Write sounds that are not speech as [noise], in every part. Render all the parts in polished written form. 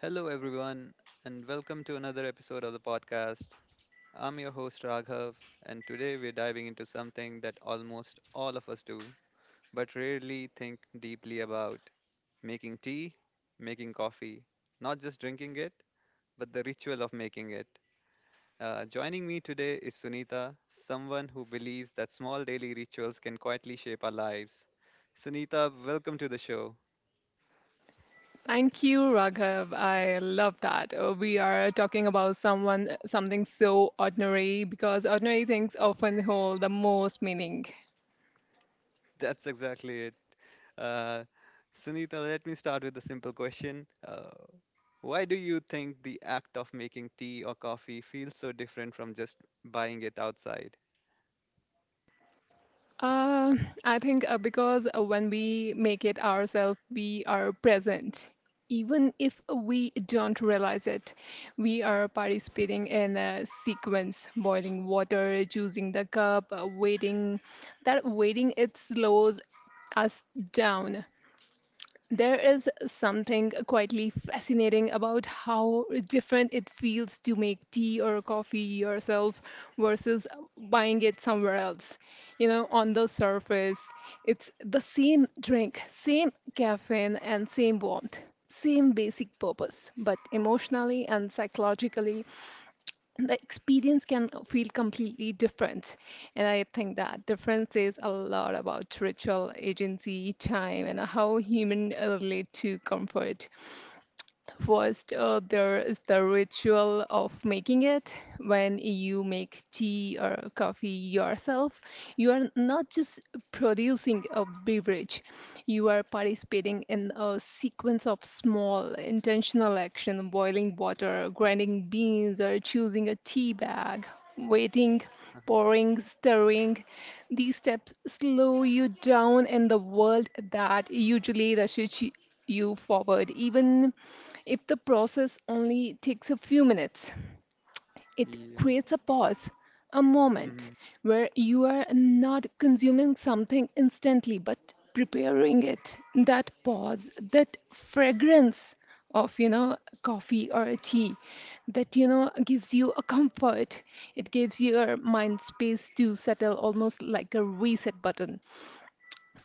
Hello, everyone, and welcome to another episode of the podcast. I'm your host, Raghav, and today we're diving into something that almost all of us do, but rarely think deeply about, making tea, making coffee, not just drinking it, but the ritual of making it. Joining me today is Sunita, someone who believes that small daily rituals can quietly shape our lives. Sunita, welcome to the show. Thank you, Raghav. I love that. We are talking about someone, something so ordinary because ordinary things often hold the most meaning. That's exactly it. Uh, Sunita, let me start with a simple question. Why do you think the act of making tea or coffee feels so different from just buying it outside? Uh, I think because when we make it ourselves, we are present. Even if we don't realize it, we are participating in a sequence boiling water, choosing the cup, waiting. That waiting, it slows us down. There is something quietly fascinating about how different it feels to make tea or coffee yourself versus buying it somewhere else. You know, on the surface, it's the same drink, same caffeine, and same warmth, same basic purpose, but emotionally and psychologically, the experience can feel completely different. And I think that difference says a lot about ritual, agency, time, and how human relate to comfort. First, there is the ritual of making it. When you make tea or coffee yourself, you are not just producing a beverage, you are participating in a sequence of small intentional action, boiling water, grinding beans, or choosing a tea bag, waiting, Uh. pouring, stirring. These steps slow you down in the world that usually rushes you forward, even if the process only takes a few minutes. It Yeah. creates a pause, a Mm-hmm. moment where you are not consuming something instantly but preparing it. That pause, that fragrance of coffee or a tea that gives you a comfort, it gives your mind space to settle almost like a reset button.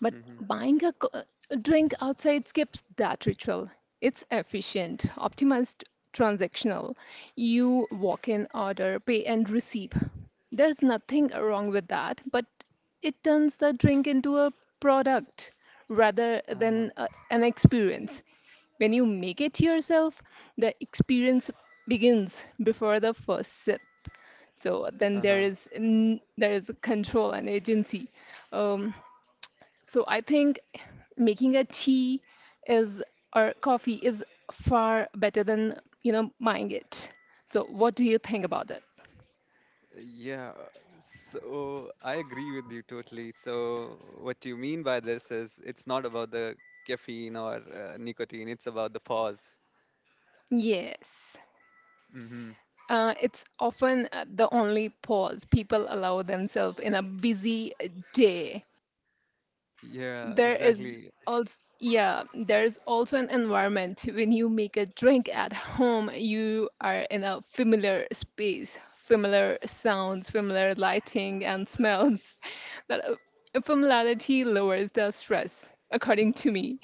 But Mm-hmm. buying a co- drink outside skips that ritual. It's efficient, optimized, transactional. You walk in, order, pay, and receive. There's nothing wrong with that, but it turns the drink into a product rather Uh-huh. than an experience. When you make it yourself, the experience begins before the first sip. So then Uh-huh. There is control and agency. Um, so I think making a tea is or coffee is far better than, buying it. So what do you think about that? Yeah. So I agree with you totally. So what you mean by this is it's not about the caffeine or nicotine, it's about the pause. Yes. Mm-hmm. It's often the only pause people allow themselves in a busy day. Yeah, There is exactly. also yeah, there's also an environment when you make a drink at home, you are in a familiar space, familiar sounds, familiar lighting and smells. That familiarity lowers the stress, according to me.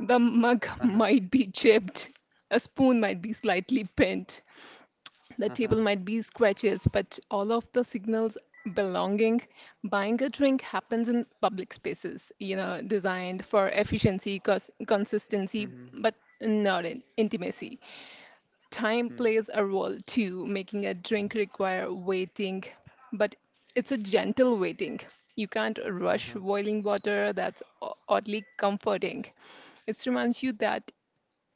The mug Uh-huh. might be chipped, a spoon might be slightly bent, the Uh-huh. table might be scratches, but all of the signals belonging, buying a drink happens in public spaces, you know, designed for efficiency, consistency, Mm-hmm. but not in intimacy. Time Mm-hmm. plays a role too, making a drink require waiting, but it's a gentle waiting. You can't rush Uh-huh. boiling water, that's oddly comforting. It reminds you that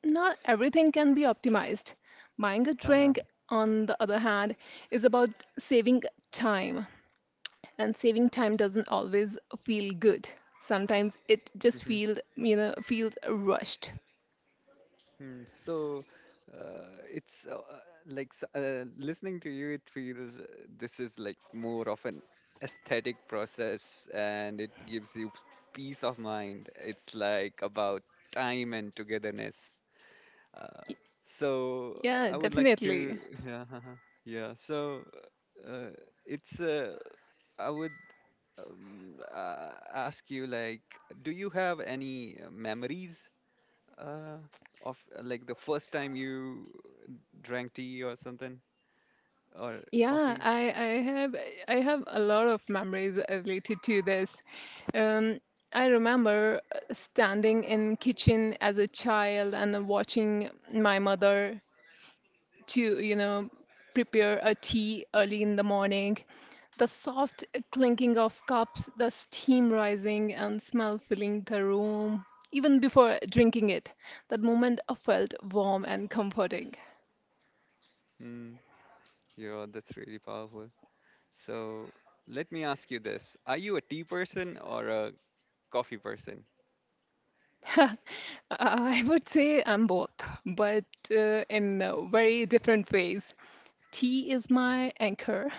not everything can be optimized. Buying a Uh-huh. drink, on the other hand, is about saving time. And saving time doesn't always feel good. Sometimes it just Mm-hmm. feels, feels rushed. Hmm, so it's like s- listening to you, it feels this is like more of an aesthetic process and it gives you peace of mind. It's like about time and togetherness. Uh, so Yeah, I would like definitely. to, [laughs] yeah, yeah. So uh, it's, uh, I would ask you, like, do you have any memories? Uh, of like the first time you drank tea or something or Yeah, coffee. I have a lot of memories related to this. Um, I remember standing in kitchen as a child and watching my mother to, you know, prepare a tea early in the morning. The soft clinking of cups, the steam rising and smell filling the room. Even before drinking it, that moment felt warm and comforting. Hmm. Yeah, that's really powerful. So let me ask you this: Are you a tea person or a coffee person? I would say I'm both, but in very different ways. Tea is my anchor.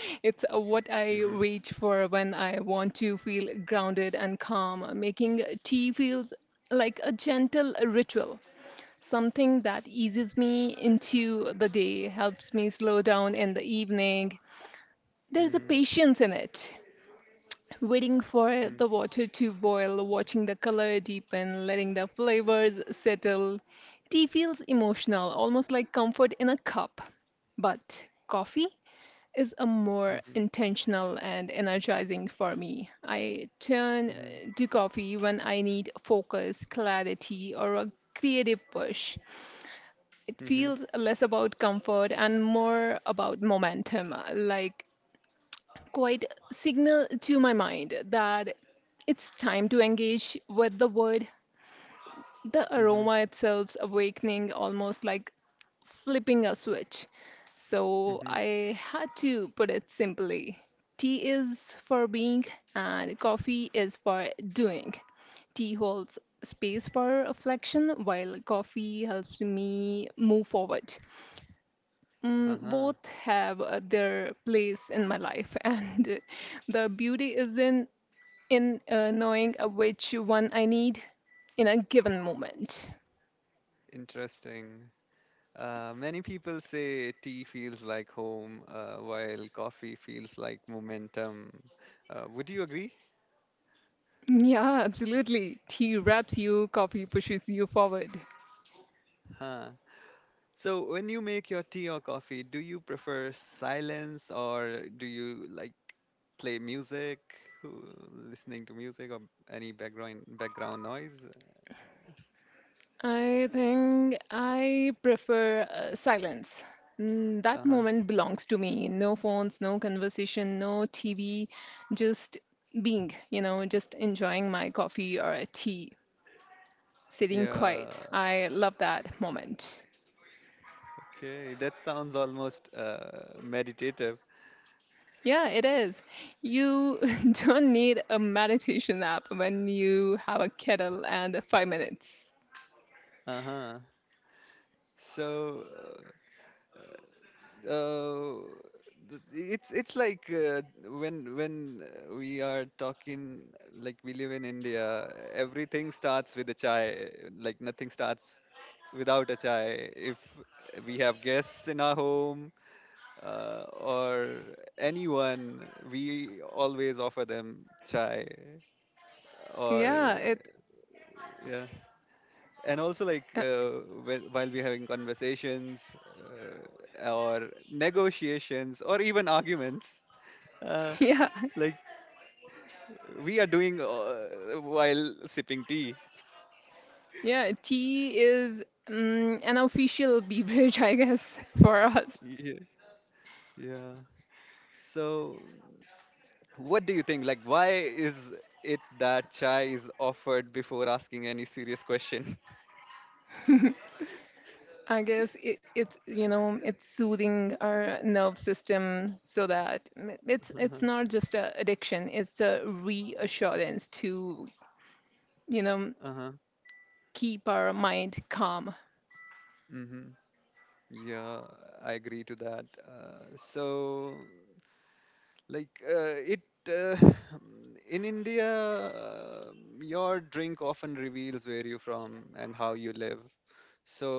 [laughs] It's what I Mm-hmm. reach for when I want to feel grounded and calm. Making tea feels like a gentle ritual, something that eases me into the day, helps me slow down in the evening. There's a Mm-hmm. patience in it. Waiting for Mm-hmm. the water to boil, watching the color deepen, letting the flavors settle. Tea feels emotional, almost like comfort in a cup. But coffee? Is a more intentional and energizing for me. I turn Mm-hmm. to coffee when I need focus, clarity, or a creative push. It Mm-hmm. feels less about comfort and more about momentum, like quite signal to my mind that it's time to engage with the wood. The Mm-hmm. Mm-hmm. aroma itself's awakening almost like flipping a switch. So Mm-hmm. I had to put it simply. Tea is for being, and coffee is for doing. Tea holds space for reflection, while coffee helps me move forward. Mm, Uh-huh. both have their place in my life, [laughs] and the beauty is in knowing which one I need in a given moment. Interesting. Many people say tea feels like home, while coffee feels like momentum. Would you agree? Yeah, absolutely. Tea wraps you, coffee pushes you forward. Huh. So, when you make your tea or coffee, do you prefer silence or do you like play music, who- listening to music or any background noise? I think I prefer silence. Mm, that Uh-huh. moment belongs to me. No phones, no conversation, no TV, just being, just enjoying my coffee or a tea, sitting quiet. Yeah. I love that moment. Okay. That sounds almost meditative. Yeah, it is. You [laughs] don't need a meditation app when you have a kettle and 5 minutes. Uh-huh. So, uh, th- it's like when we are talking, like we live in India, everything starts with a chai. Like nothing starts without a chai. If we have guests in our home or anyone, we always offer them chai. Or Yeah, it, yeah, and also like uh, while we're having conversations or negotiations or even arguments, uh, [laughs] yeah, like we are doing, while sipping tea. yeah, tea is mm an official [laughs] beverage, I guess, [laughs] for us. Yeah. Yeah, so what do you think like why is it that chai is offered before asking any serious question? I guess it's it's soothing our nerve system so that it's [laughs] it's Uh-huh. not just a addiction, it's a reassurance to you know Uh-huh. keep our mind calm. Mm-hmm. Yeah, I agree to that. Uh, so like uh, it uh, [sighs] in India, uh, your drink often reveals where you're from and how you live. so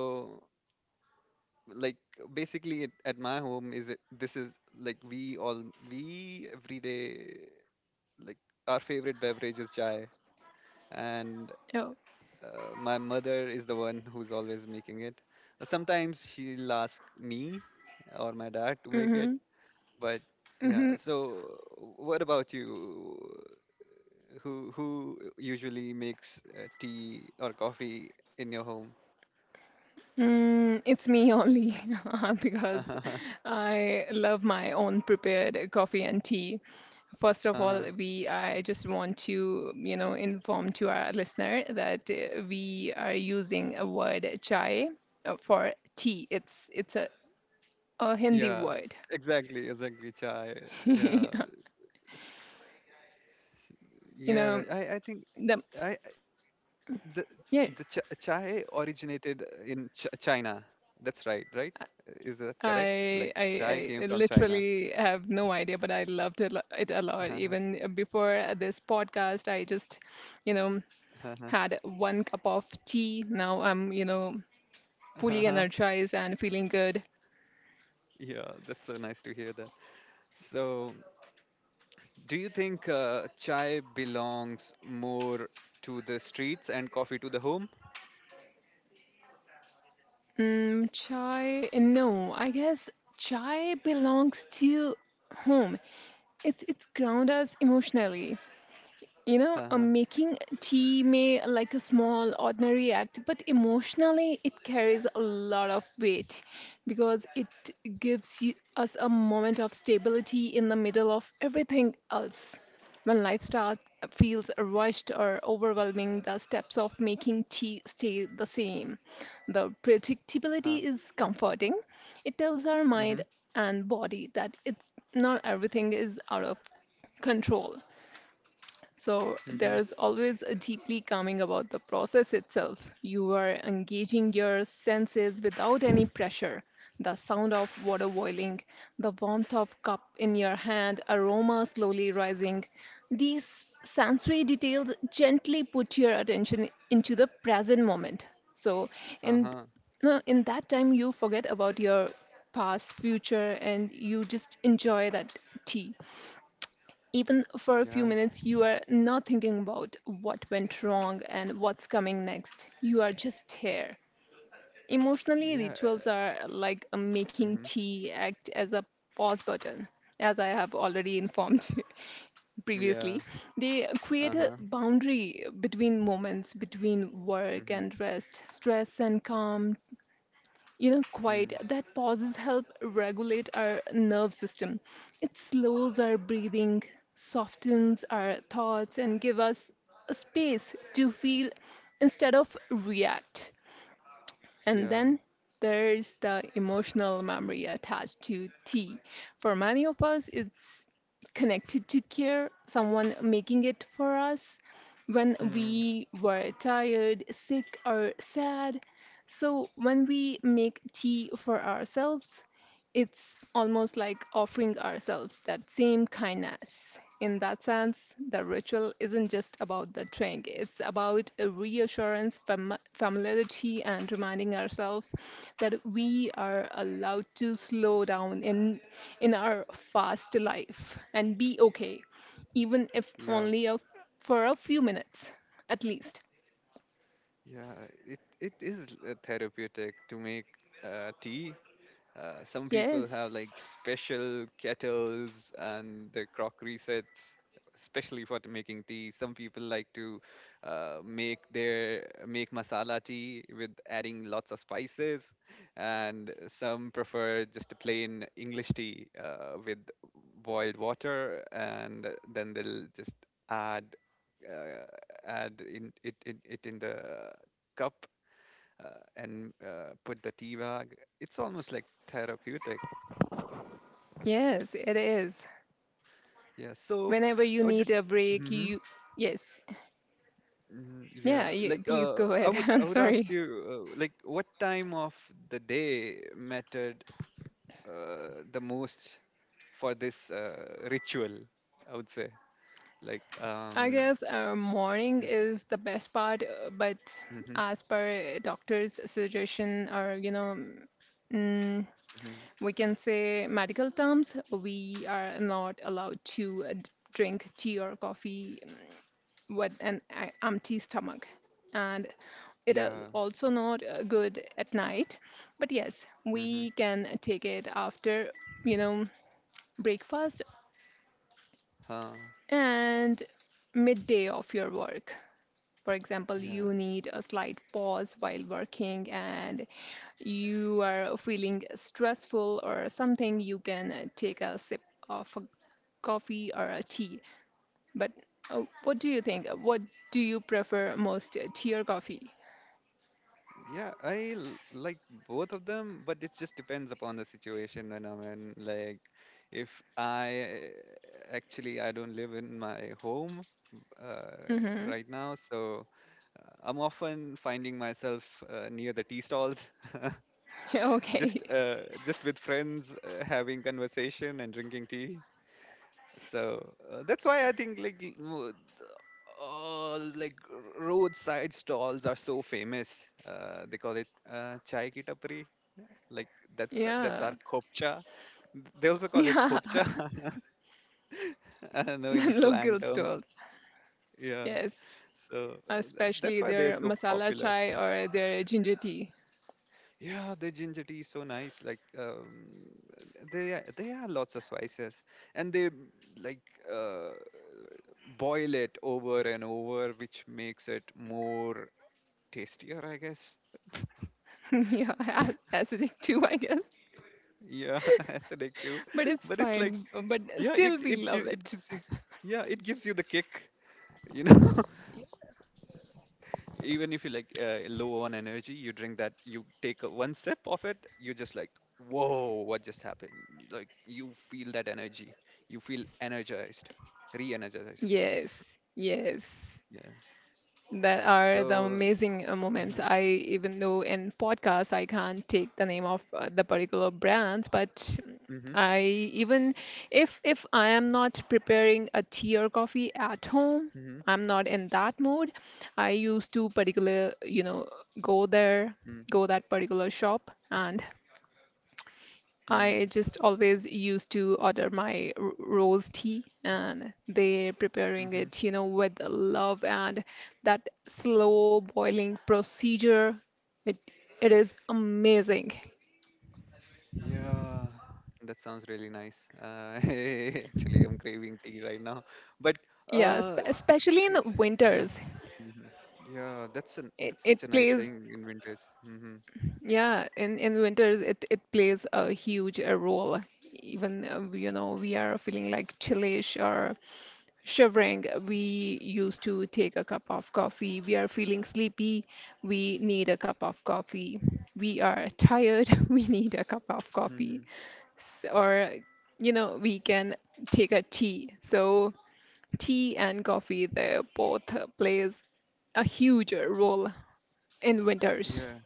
like basically it, at my home, is it this is like we all we every day, like our favorite beverage is chai. And Oh, my mother is the one who's always making it. Sometimes she'll ask me or my dad to make it. mm-hmm, But yeah, mm-hmm. so what about you? Who usually makes tea or coffee in your home? Mm, it's me only [laughs] because [laughs] I love my own prepared coffee and tea. First of all, Uh. we I just want to, you know, inform to our listener that we are using a word chai for tea. It's a Hindi Yeah, word. exactly, exactly. Chai. Yeah, [laughs] You yeah. know, I think the I- the ch yeah, chai originated in Ch China. That's right, right? Is that correct? Like chai came I from China. literally have no idea, but I loved it, it a lot. Even before this podcast, I just, you know, [laughs] Uh-huh, had one cup of tea. Now I'm, you know, fully uh-huh. energized and feeling good. Yeah, that's so nice to hear that. So. Do you think chai belongs more to the streets and coffee to the home? Mm, chai? No, I guess chai belongs to home. It grounds us emotionally. You know, Uh-huh. making tea may like a small, ordinary act, but emotionally it carries a lot of weight because it gives you, us a moment of stability in the middle of everything else. When life starts feels rushed or overwhelming, the steps of making tea stay the same. The Uh, predictability is comforting. It tells our mind mm-hmm. and body that it's not everything is out of control. So Mm-hmm. there's always a deeply calming about the process itself. You are engaging your senses without any pressure. The sound of water boiling, the warmth of cup in your hand, aroma slowly rising. These sensory details gently put your attention into the present moment. So and Uh-huh. no, in that time you forget about your past, future, and you just enjoy that tea even for a Yeah. few minutes, you are not thinking about what went wrong and what's coming next. You are just here. Emotionally, Yeah. Rituals are like a making Mm-hmm. tea act as a pause button, as I have already informed [laughs] you Yeah. previously. They create a Uh-huh. boundary between moments, between work Mm-hmm. and rest, stress and calm, you know, quiet. Mm. That pauses help regulate our nerve system. It slows our breathing, softens our thoughts, and give us a space to feel instead of react. And Yeah. then there's the emotional memory attached to tea. For many of us, it's connected to care, someone making it for us when Hmm. we were tired, sick, or sad. So when we make tea for ourselves, it's almost like offering ourselves that same kindness. In that sense, the ritual isn't just about the drink, it's about a reassurance, familiarity, and reminding ourselves that we are allowed to slow down in our fast life and be okay, even if Yeah. only for a few minutes at least. Yeah. It is therapeutic to make tea. Some people have like Yes, special kettles and their crockery sets, especially for making tea. Some people like to make masala tea with adding lots of spices, and some prefer just a plain English tea with boiled water, and then they'll just add uh, it it in the cup, and put the tea bag. It's almost like therapeutic. yes, it is. Yeah. So Whenever you I would need just. a break, Hmm. you, yes, Yeah. yeah, you, Like please uh, go I ahead. [laughs] would I'm I would ask sorry. you, like what time of the day mattered the most for this ritual? I would say like I um. guess morning is the best part, but Mm-hmm, as per doctor's suggestion, or you know, mm, hmm. we can say medical terms, we are not allowed to drink tea or coffee with an empty stomach, and it is Yeah. also not good at night. But yes, Mm-hmm. we can take it after, you know, breakfast Huh. and midday of your work. For example, Yeah. you need a slight pause while working and you are feeling stressful or something, you can take a sip of a coffee or a tea. But what do you think? What do you prefer most, tea or coffee? Yeah, I like both of them, but it just depends upon the situation that I'm in. Like, if I Actually, I don't live in my home uh, Hmm. right now, so I'm often finding myself near the tea stalls, [laughs] [laughs] Okay. just uh, just with friends, having conversation and drinking tea. So that's why I think like all like roadside stalls are so famous. They call it chai ki tapri, like that's the, that's our Yeah. kopcha. They also call it Yeah. kopcha. [laughs] [laughs] I don't know in The slang local terms. stalls. Yeah, Yes. so that's Especially why they're their so masala popular. chai or their ginger tea. Yeah, their ginger tea is so nice, like they are lots of spices, and they like uh, boil it over and over, which makes it more tastier, I guess. [laughs] Yeah, acidic too, I guess. Yeah. [laughs] Acidic too. But [laughs] it's But it's like, fine. But yeah, it still, we it love gi- it it. gives you, yeah, it gives you the kick, you know. Even if you like, low on energy, you drink that, you take a, one sip of it, you're just like, whoa, what just happened. You- like you feel that energy, you feel energized, re-energized. Yes, yes. Yeah, That are the so amazing moments. mhm, I, even though in podcasts, I can't take the name of the particular brands, but mhm, I, even if I am not preparing a tea or coffee at home, mhm, I'm not in that mood. I used to particular, you know, go there, mm go that particular shop and mm, I just always used to order my rose tea and they preparing mhm. it, you know, with love and that slow boiling procedure. It it is amazing. Yeah, that sounds really nice, [laughs] actually I'm craving tea right now. But Yeah, uh especially in c- the yeah. winters. Mhm. Yeah, that's an, It that's it such a nice plays, thing in winters. Hmm. yeah. In winters it plays a huge role. Even you know, we are feeling like chillish or shivering, we used to take a cup of coffee. We are feeling sleepy. We need a cup of coffee. We are tired. [laughs] We need a cup of Hmm. coffee. Or, you know, we can take a tea. So, tea and coffee, they both plays a huge role in winters. Yeah.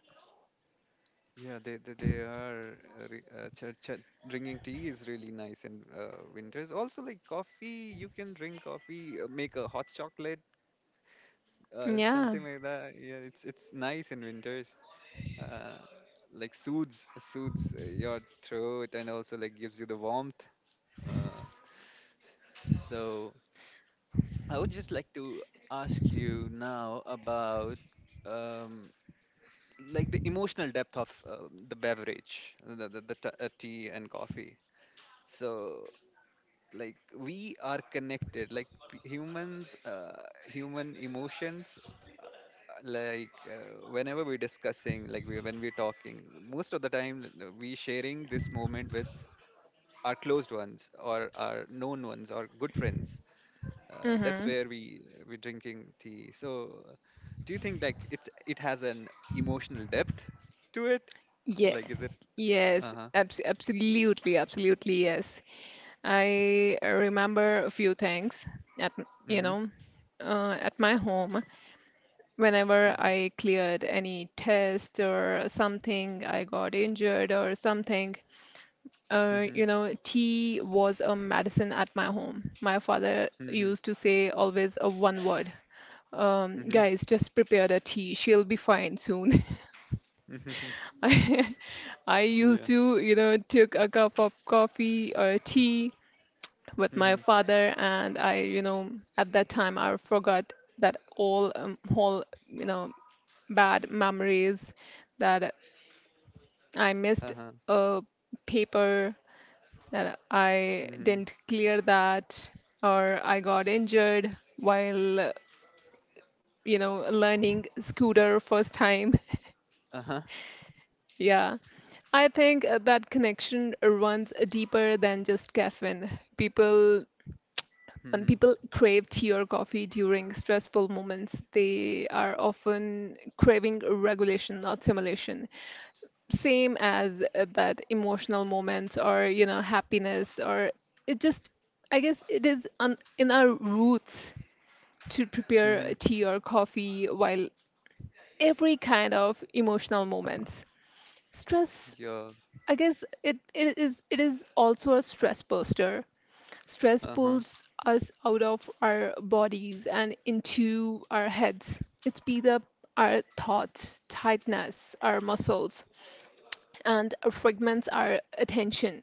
Yeah, they are re- ch- ch- drinking tea is really nice in winters. Also, like coffee, you can drink coffee, make a hot chocolate, Yeah. something like that. Yeah, it's nice in winters. Uh, like soothes your throat and also like gives you the warmth. Uh, so I would just like to ask you now about um, like the emotional depth of the beverage, the, the tea and coffee. so we are connected, like humans, human emotions. uh, Whenever we're discussing, like we, when we're talking most of the time, we sharing this moment with our closed ones or our known ones or good friends. That's Mm-hmm. where we we're drinking tea. So do you think like it has an emotional depth to it, Yeah. like is it? Yes. Uh-huh. Absolutely. Absolutely. Yes. I remember a few things at, you Mm-hmm. know, at my home. Whenever Mm-hmm. I cleared any test or something, I got injured or something. Mm-hmm. You know, tea was a medicine at my home. My father Mm-hmm. used to say always a one word. Guys, just prepare the tea. She'll be fine soon. Mm-hmm. [laughs] [laughs] I, I Yeah. used to, you know, took a cup of coffee or tea with my Mhm. father. And i, you know, at that time I forgot that all whole, you know, bad memories, that I missed Uh-huh. a paper that I Mhm. didn't clear that, or I got injured while, you know, learning scooter first time. Uh-huh. [laughs] Yeah. I think that connection runs deeper than just caffeine. People When Mhm. people crave tea or coffee during stressful moments, they are often craving regulation, not simulation. Same as that emotional moments or, you know, happiness. Or it just, I guess it is on, in our roots to prepare Mhm. tea or coffee while every kind of emotional moments. Stress, Yeah. I guess it, it is also a stress buster. Stress Uh-huh. pulls us out of our bodies and into our heads. It speeds up our thoughts, tightness, our muscles, and fragments our attention.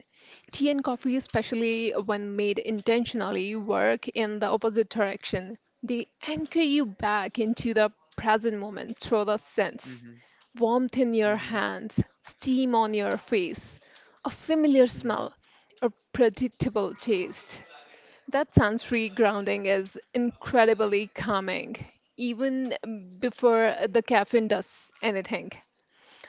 Tea and coffee, especially when made intentionally, work in the opposite direction. They anchor you back into the present moment through the sense: Mhm. warmth in your Mhm. hands, steam on your face, a familiar Mhm. smell, a predictable taste. That sensory grounding is incredibly calming, even before the caffeine does anything.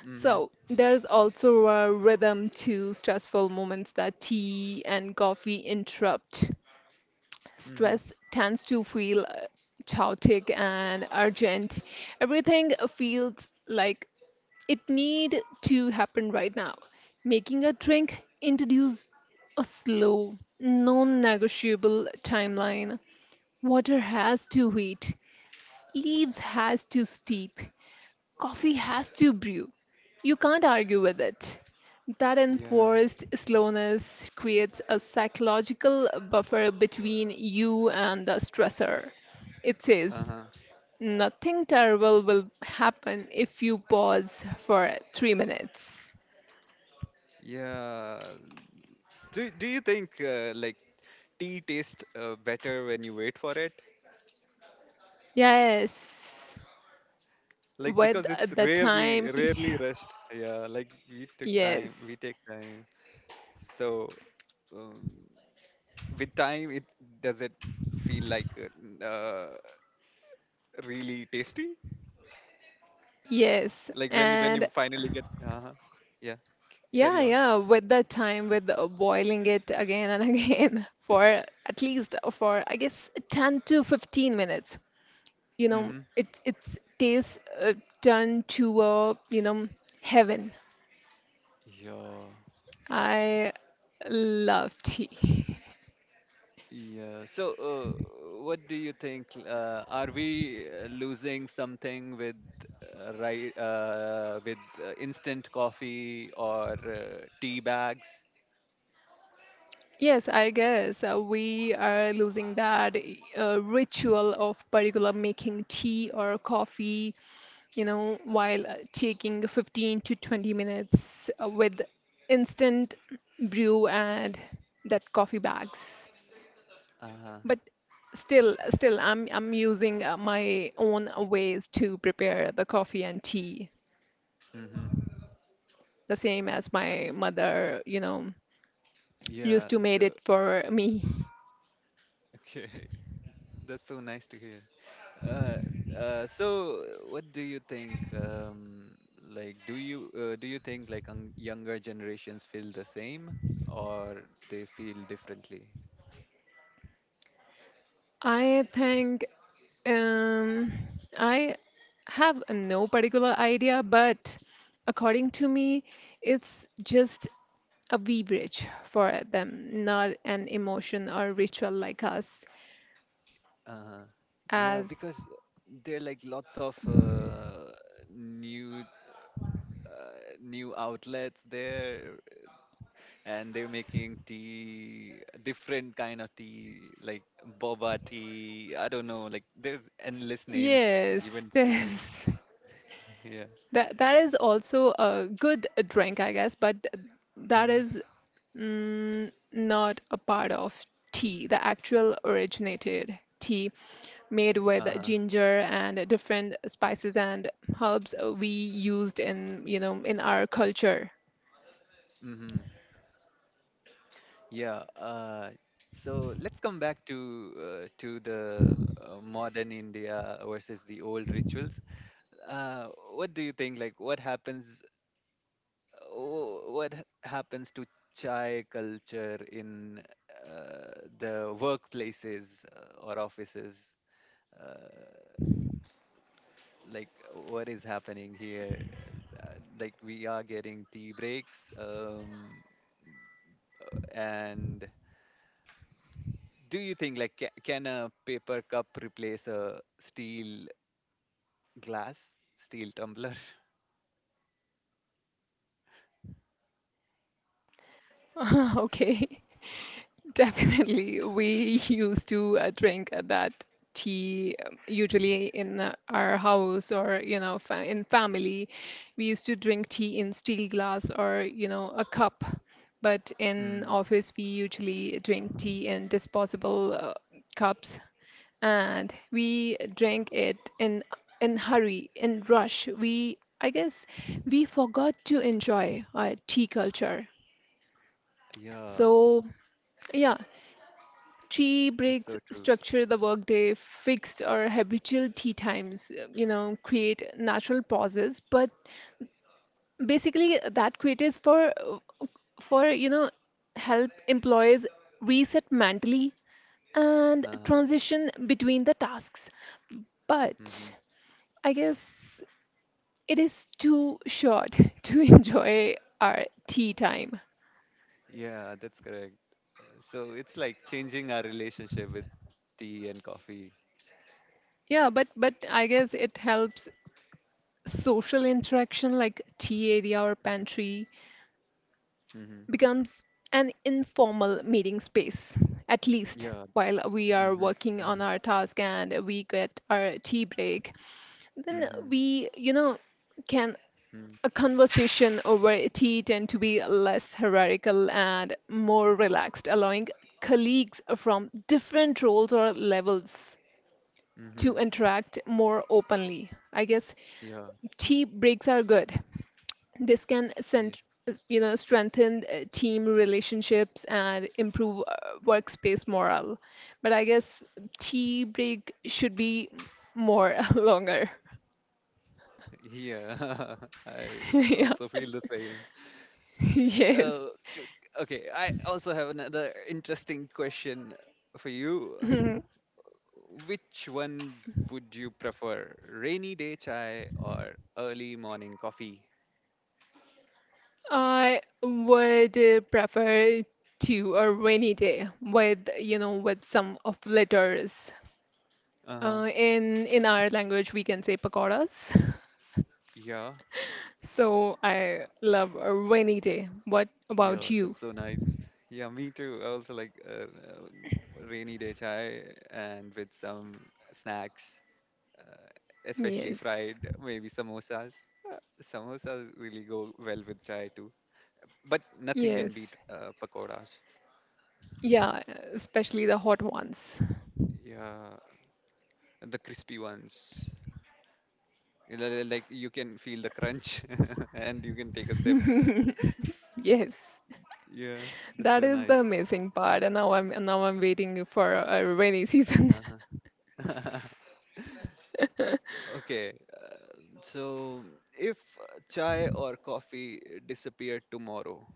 Mhm. So, there's also a rhythm to stressful moments that tea and coffee interrupt. Mhm. Stress tends to feel chaotic and urgent. Everything feels like it need to happen right now. Making a drink introduce a slow, non-negotiable timeline. Water has to wait, leaves has to steep, coffee has to brew. You can't argue with it. That Yeah. enforced slowness creates a psychological buffer between you and the stressor. It says, Uh-huh. nothing terrible will happen if you pause for 3 minutes. Yeah. Do, do you think, like tea tastes, better when you wait for it? Yes, Like with because it's the rarely time, [laughs] rarely rushed. Yeah. Like we took time. yes, We take time. So um, with time, it, does it feel like, really tasty? yes, Like when you, when and you finally get, uh-huh. Yeah, yeah, carry on. yeah, with the time, with boiling it again and [laughs] again for at least for I guess 10 to 15 minutes. You know, Mm-hmm. it it's tastes turned to a, you know, heaven. Yeah, I love tea. [laughs] yeah. So, what do you think? Are we losing something with, right with, instant coffee or tea bags? Yes, I guess we are losing that ritual of particular making tea or coffee, you know, while taking 15 to 20 minutes with instant brew and that coffee bags. Uh-huh. But I'm using my own ways to prepare the coffee and tea, Mm-hmm. the same as Uh, my mother, you know, yeah. used to made So, it for me. [laughs] okay, that's so nice to hear. Uh, so what do you think? Like, do you, do you think like un younger generations feel the same, or they feel differently? I think Um, I have no particular idea, but according to me, it's just a beverage for them, not an emotion or ritual like us. Uh, yeah, As because there are like lots of new new outlets there, and they're making tea, different kind of tea, like boba tea. I don't know, like there's endless names yes, given to the, this, yeah. [laughs] [laughs] that is also a good drink, I guess, but that Mm-hmm. is, mm, not a part of tea, the actual originated tea made with Uh-huh. ginger and different spices and herbs we used in, you know, in our culture. Mm-hmm. Yeah. So let's come back to, to the modern India versus the old rituals. What do you think? Like, what happens? What happens to chai culture in the workplaces or offices? Uh, like, what is happening here? Like, we are getting tea breaks, and do you think like can a paper cup replace a steel glass steel tumbler? [laughs] Okay. Definitely. We used to drink that tea usually in our house or, you know, fa in family. We used to drink tea in steel glass or, you know, a cup. But [laughs] in Mm, office, we usually drink tea in disposable cups, and we drank it in hurry, in rush. We, I guess, we forgot to enjoy our tea culture. yeah, So, yeah, tea that's breaks so true. structure the workday, fixed or habitual tea times, you know, create natural pauses. But basically, that creates for for, you know, help employees reset mentally and Uh-huh. transition between the tasks. Hmm, But I guess it is too short [laughs] to enjoy our tea time. yeah, that's correct. So it's like changing our relationship with tea and coffee. Yeah, but I guess it helps social interaction, like tea area or pantry Mm-hmm. becomes an informal meeting space, at least Yeah. while we are Mm-hmm. working on Mm-hmm. our task and we get our tea break. Then Mm-hmm. we, you know, can Mm-hmm. a conversation over tea tend to be less hierarchical and more relaxed, allowing colleagues from different roles or levels to Mm-hmm. interact more openly. I guess Yeah. tea breaks are good. this can Yeah. cent- you know, strengthen team relationships and improve workspace morale. But I guess tea break should be more [laughs] longer. [laughs] Yeah. [laughs] I [laughs] Yeah, also feel the same. yes. So okay, I also have another interesting question for you. Mhm. Which one would you prefer, rainy day chai or early morning coffee? I would prefer to a rainy day with, you know, with some of letters, Uh huh. In our language we can say pakoras. Yeah, [laughs] So I love a rainy day. What about yeah, you? that's so nice. Yeah, me too. I also like rainy day chai, and with some snacks, uh, especially Yes. fried, maybe samosas. Samosas really go well with chai too, but nothing can Yes. beat pakoras. Yeah, especially the hot ones. [laughs] Yeah, the crispy ones. You know, they're like, you can feel the crunch [laughs] and you can take a sip. Yes. Yeah, that's That so is the nice. amazing part. And now I'm waiting for a rainy season. Uh-huh. [laughs] Okay, so if chai or coffee disappeared tomorrow,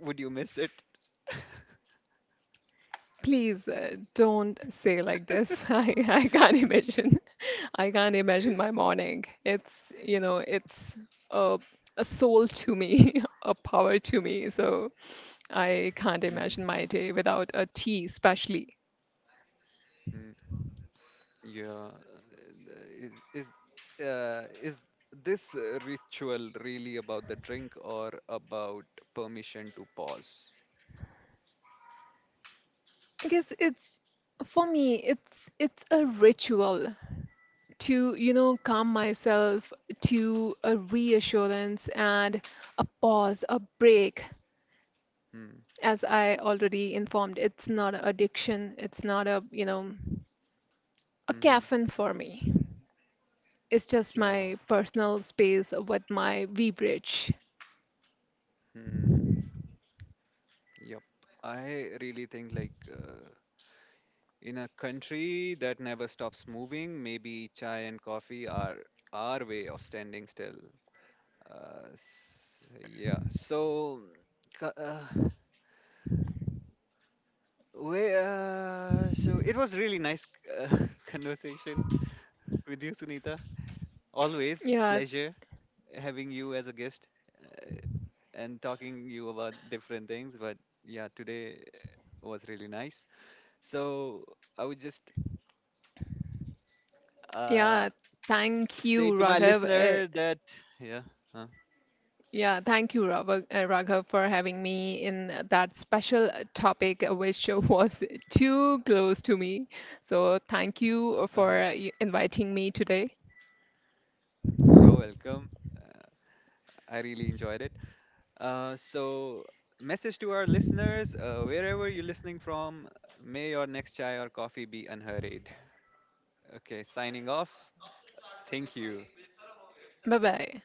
would you miss it? [laughs] Please don't say like this. [laughs] I can't imagine. [laughs] I can't imagine my morning. It's, you know, it's a a soul to me, [laughs] a power to me. So I can't Mhm. imagine my day without a tea, especially. Mm. Yeah, is this, ritual really about the drink or about permission to pause? I guess it's, for me, it's a ritual to, you know, calm myself, to a reassurance and a pause, a break. Hmm. As I already informed, it's not an addiction, it's not a, you know, a Mm-hmm. caffeine for me, it's just Yeah. my personal space with my beverage. Hmm. Yep. I really think like, in a country that never stops moving, maybe chai and coffee are our way of standing still. Yeah. So, ca- uh, so it was really nice, uh, [laughs] conversation with you, Sunita. Always Yeah. pleasure having you as a guest, uh, and talking you about different things. But yeah, today was really nice. So I would just uh, Yeah, thank say you, to my Raghav, listener that yeah. Uh, yeah, thank you, Raghav, for having me in that special topic, which [laughs] was too close to me. So, thank you for uh-huh, inviting me today. you're welcome. I really enjoyed it. So, message to our listeners, wherever you're listening from, may your next chai or coffee be unhurried. [laughs] Okay, signing off. Thank you. Bye bye.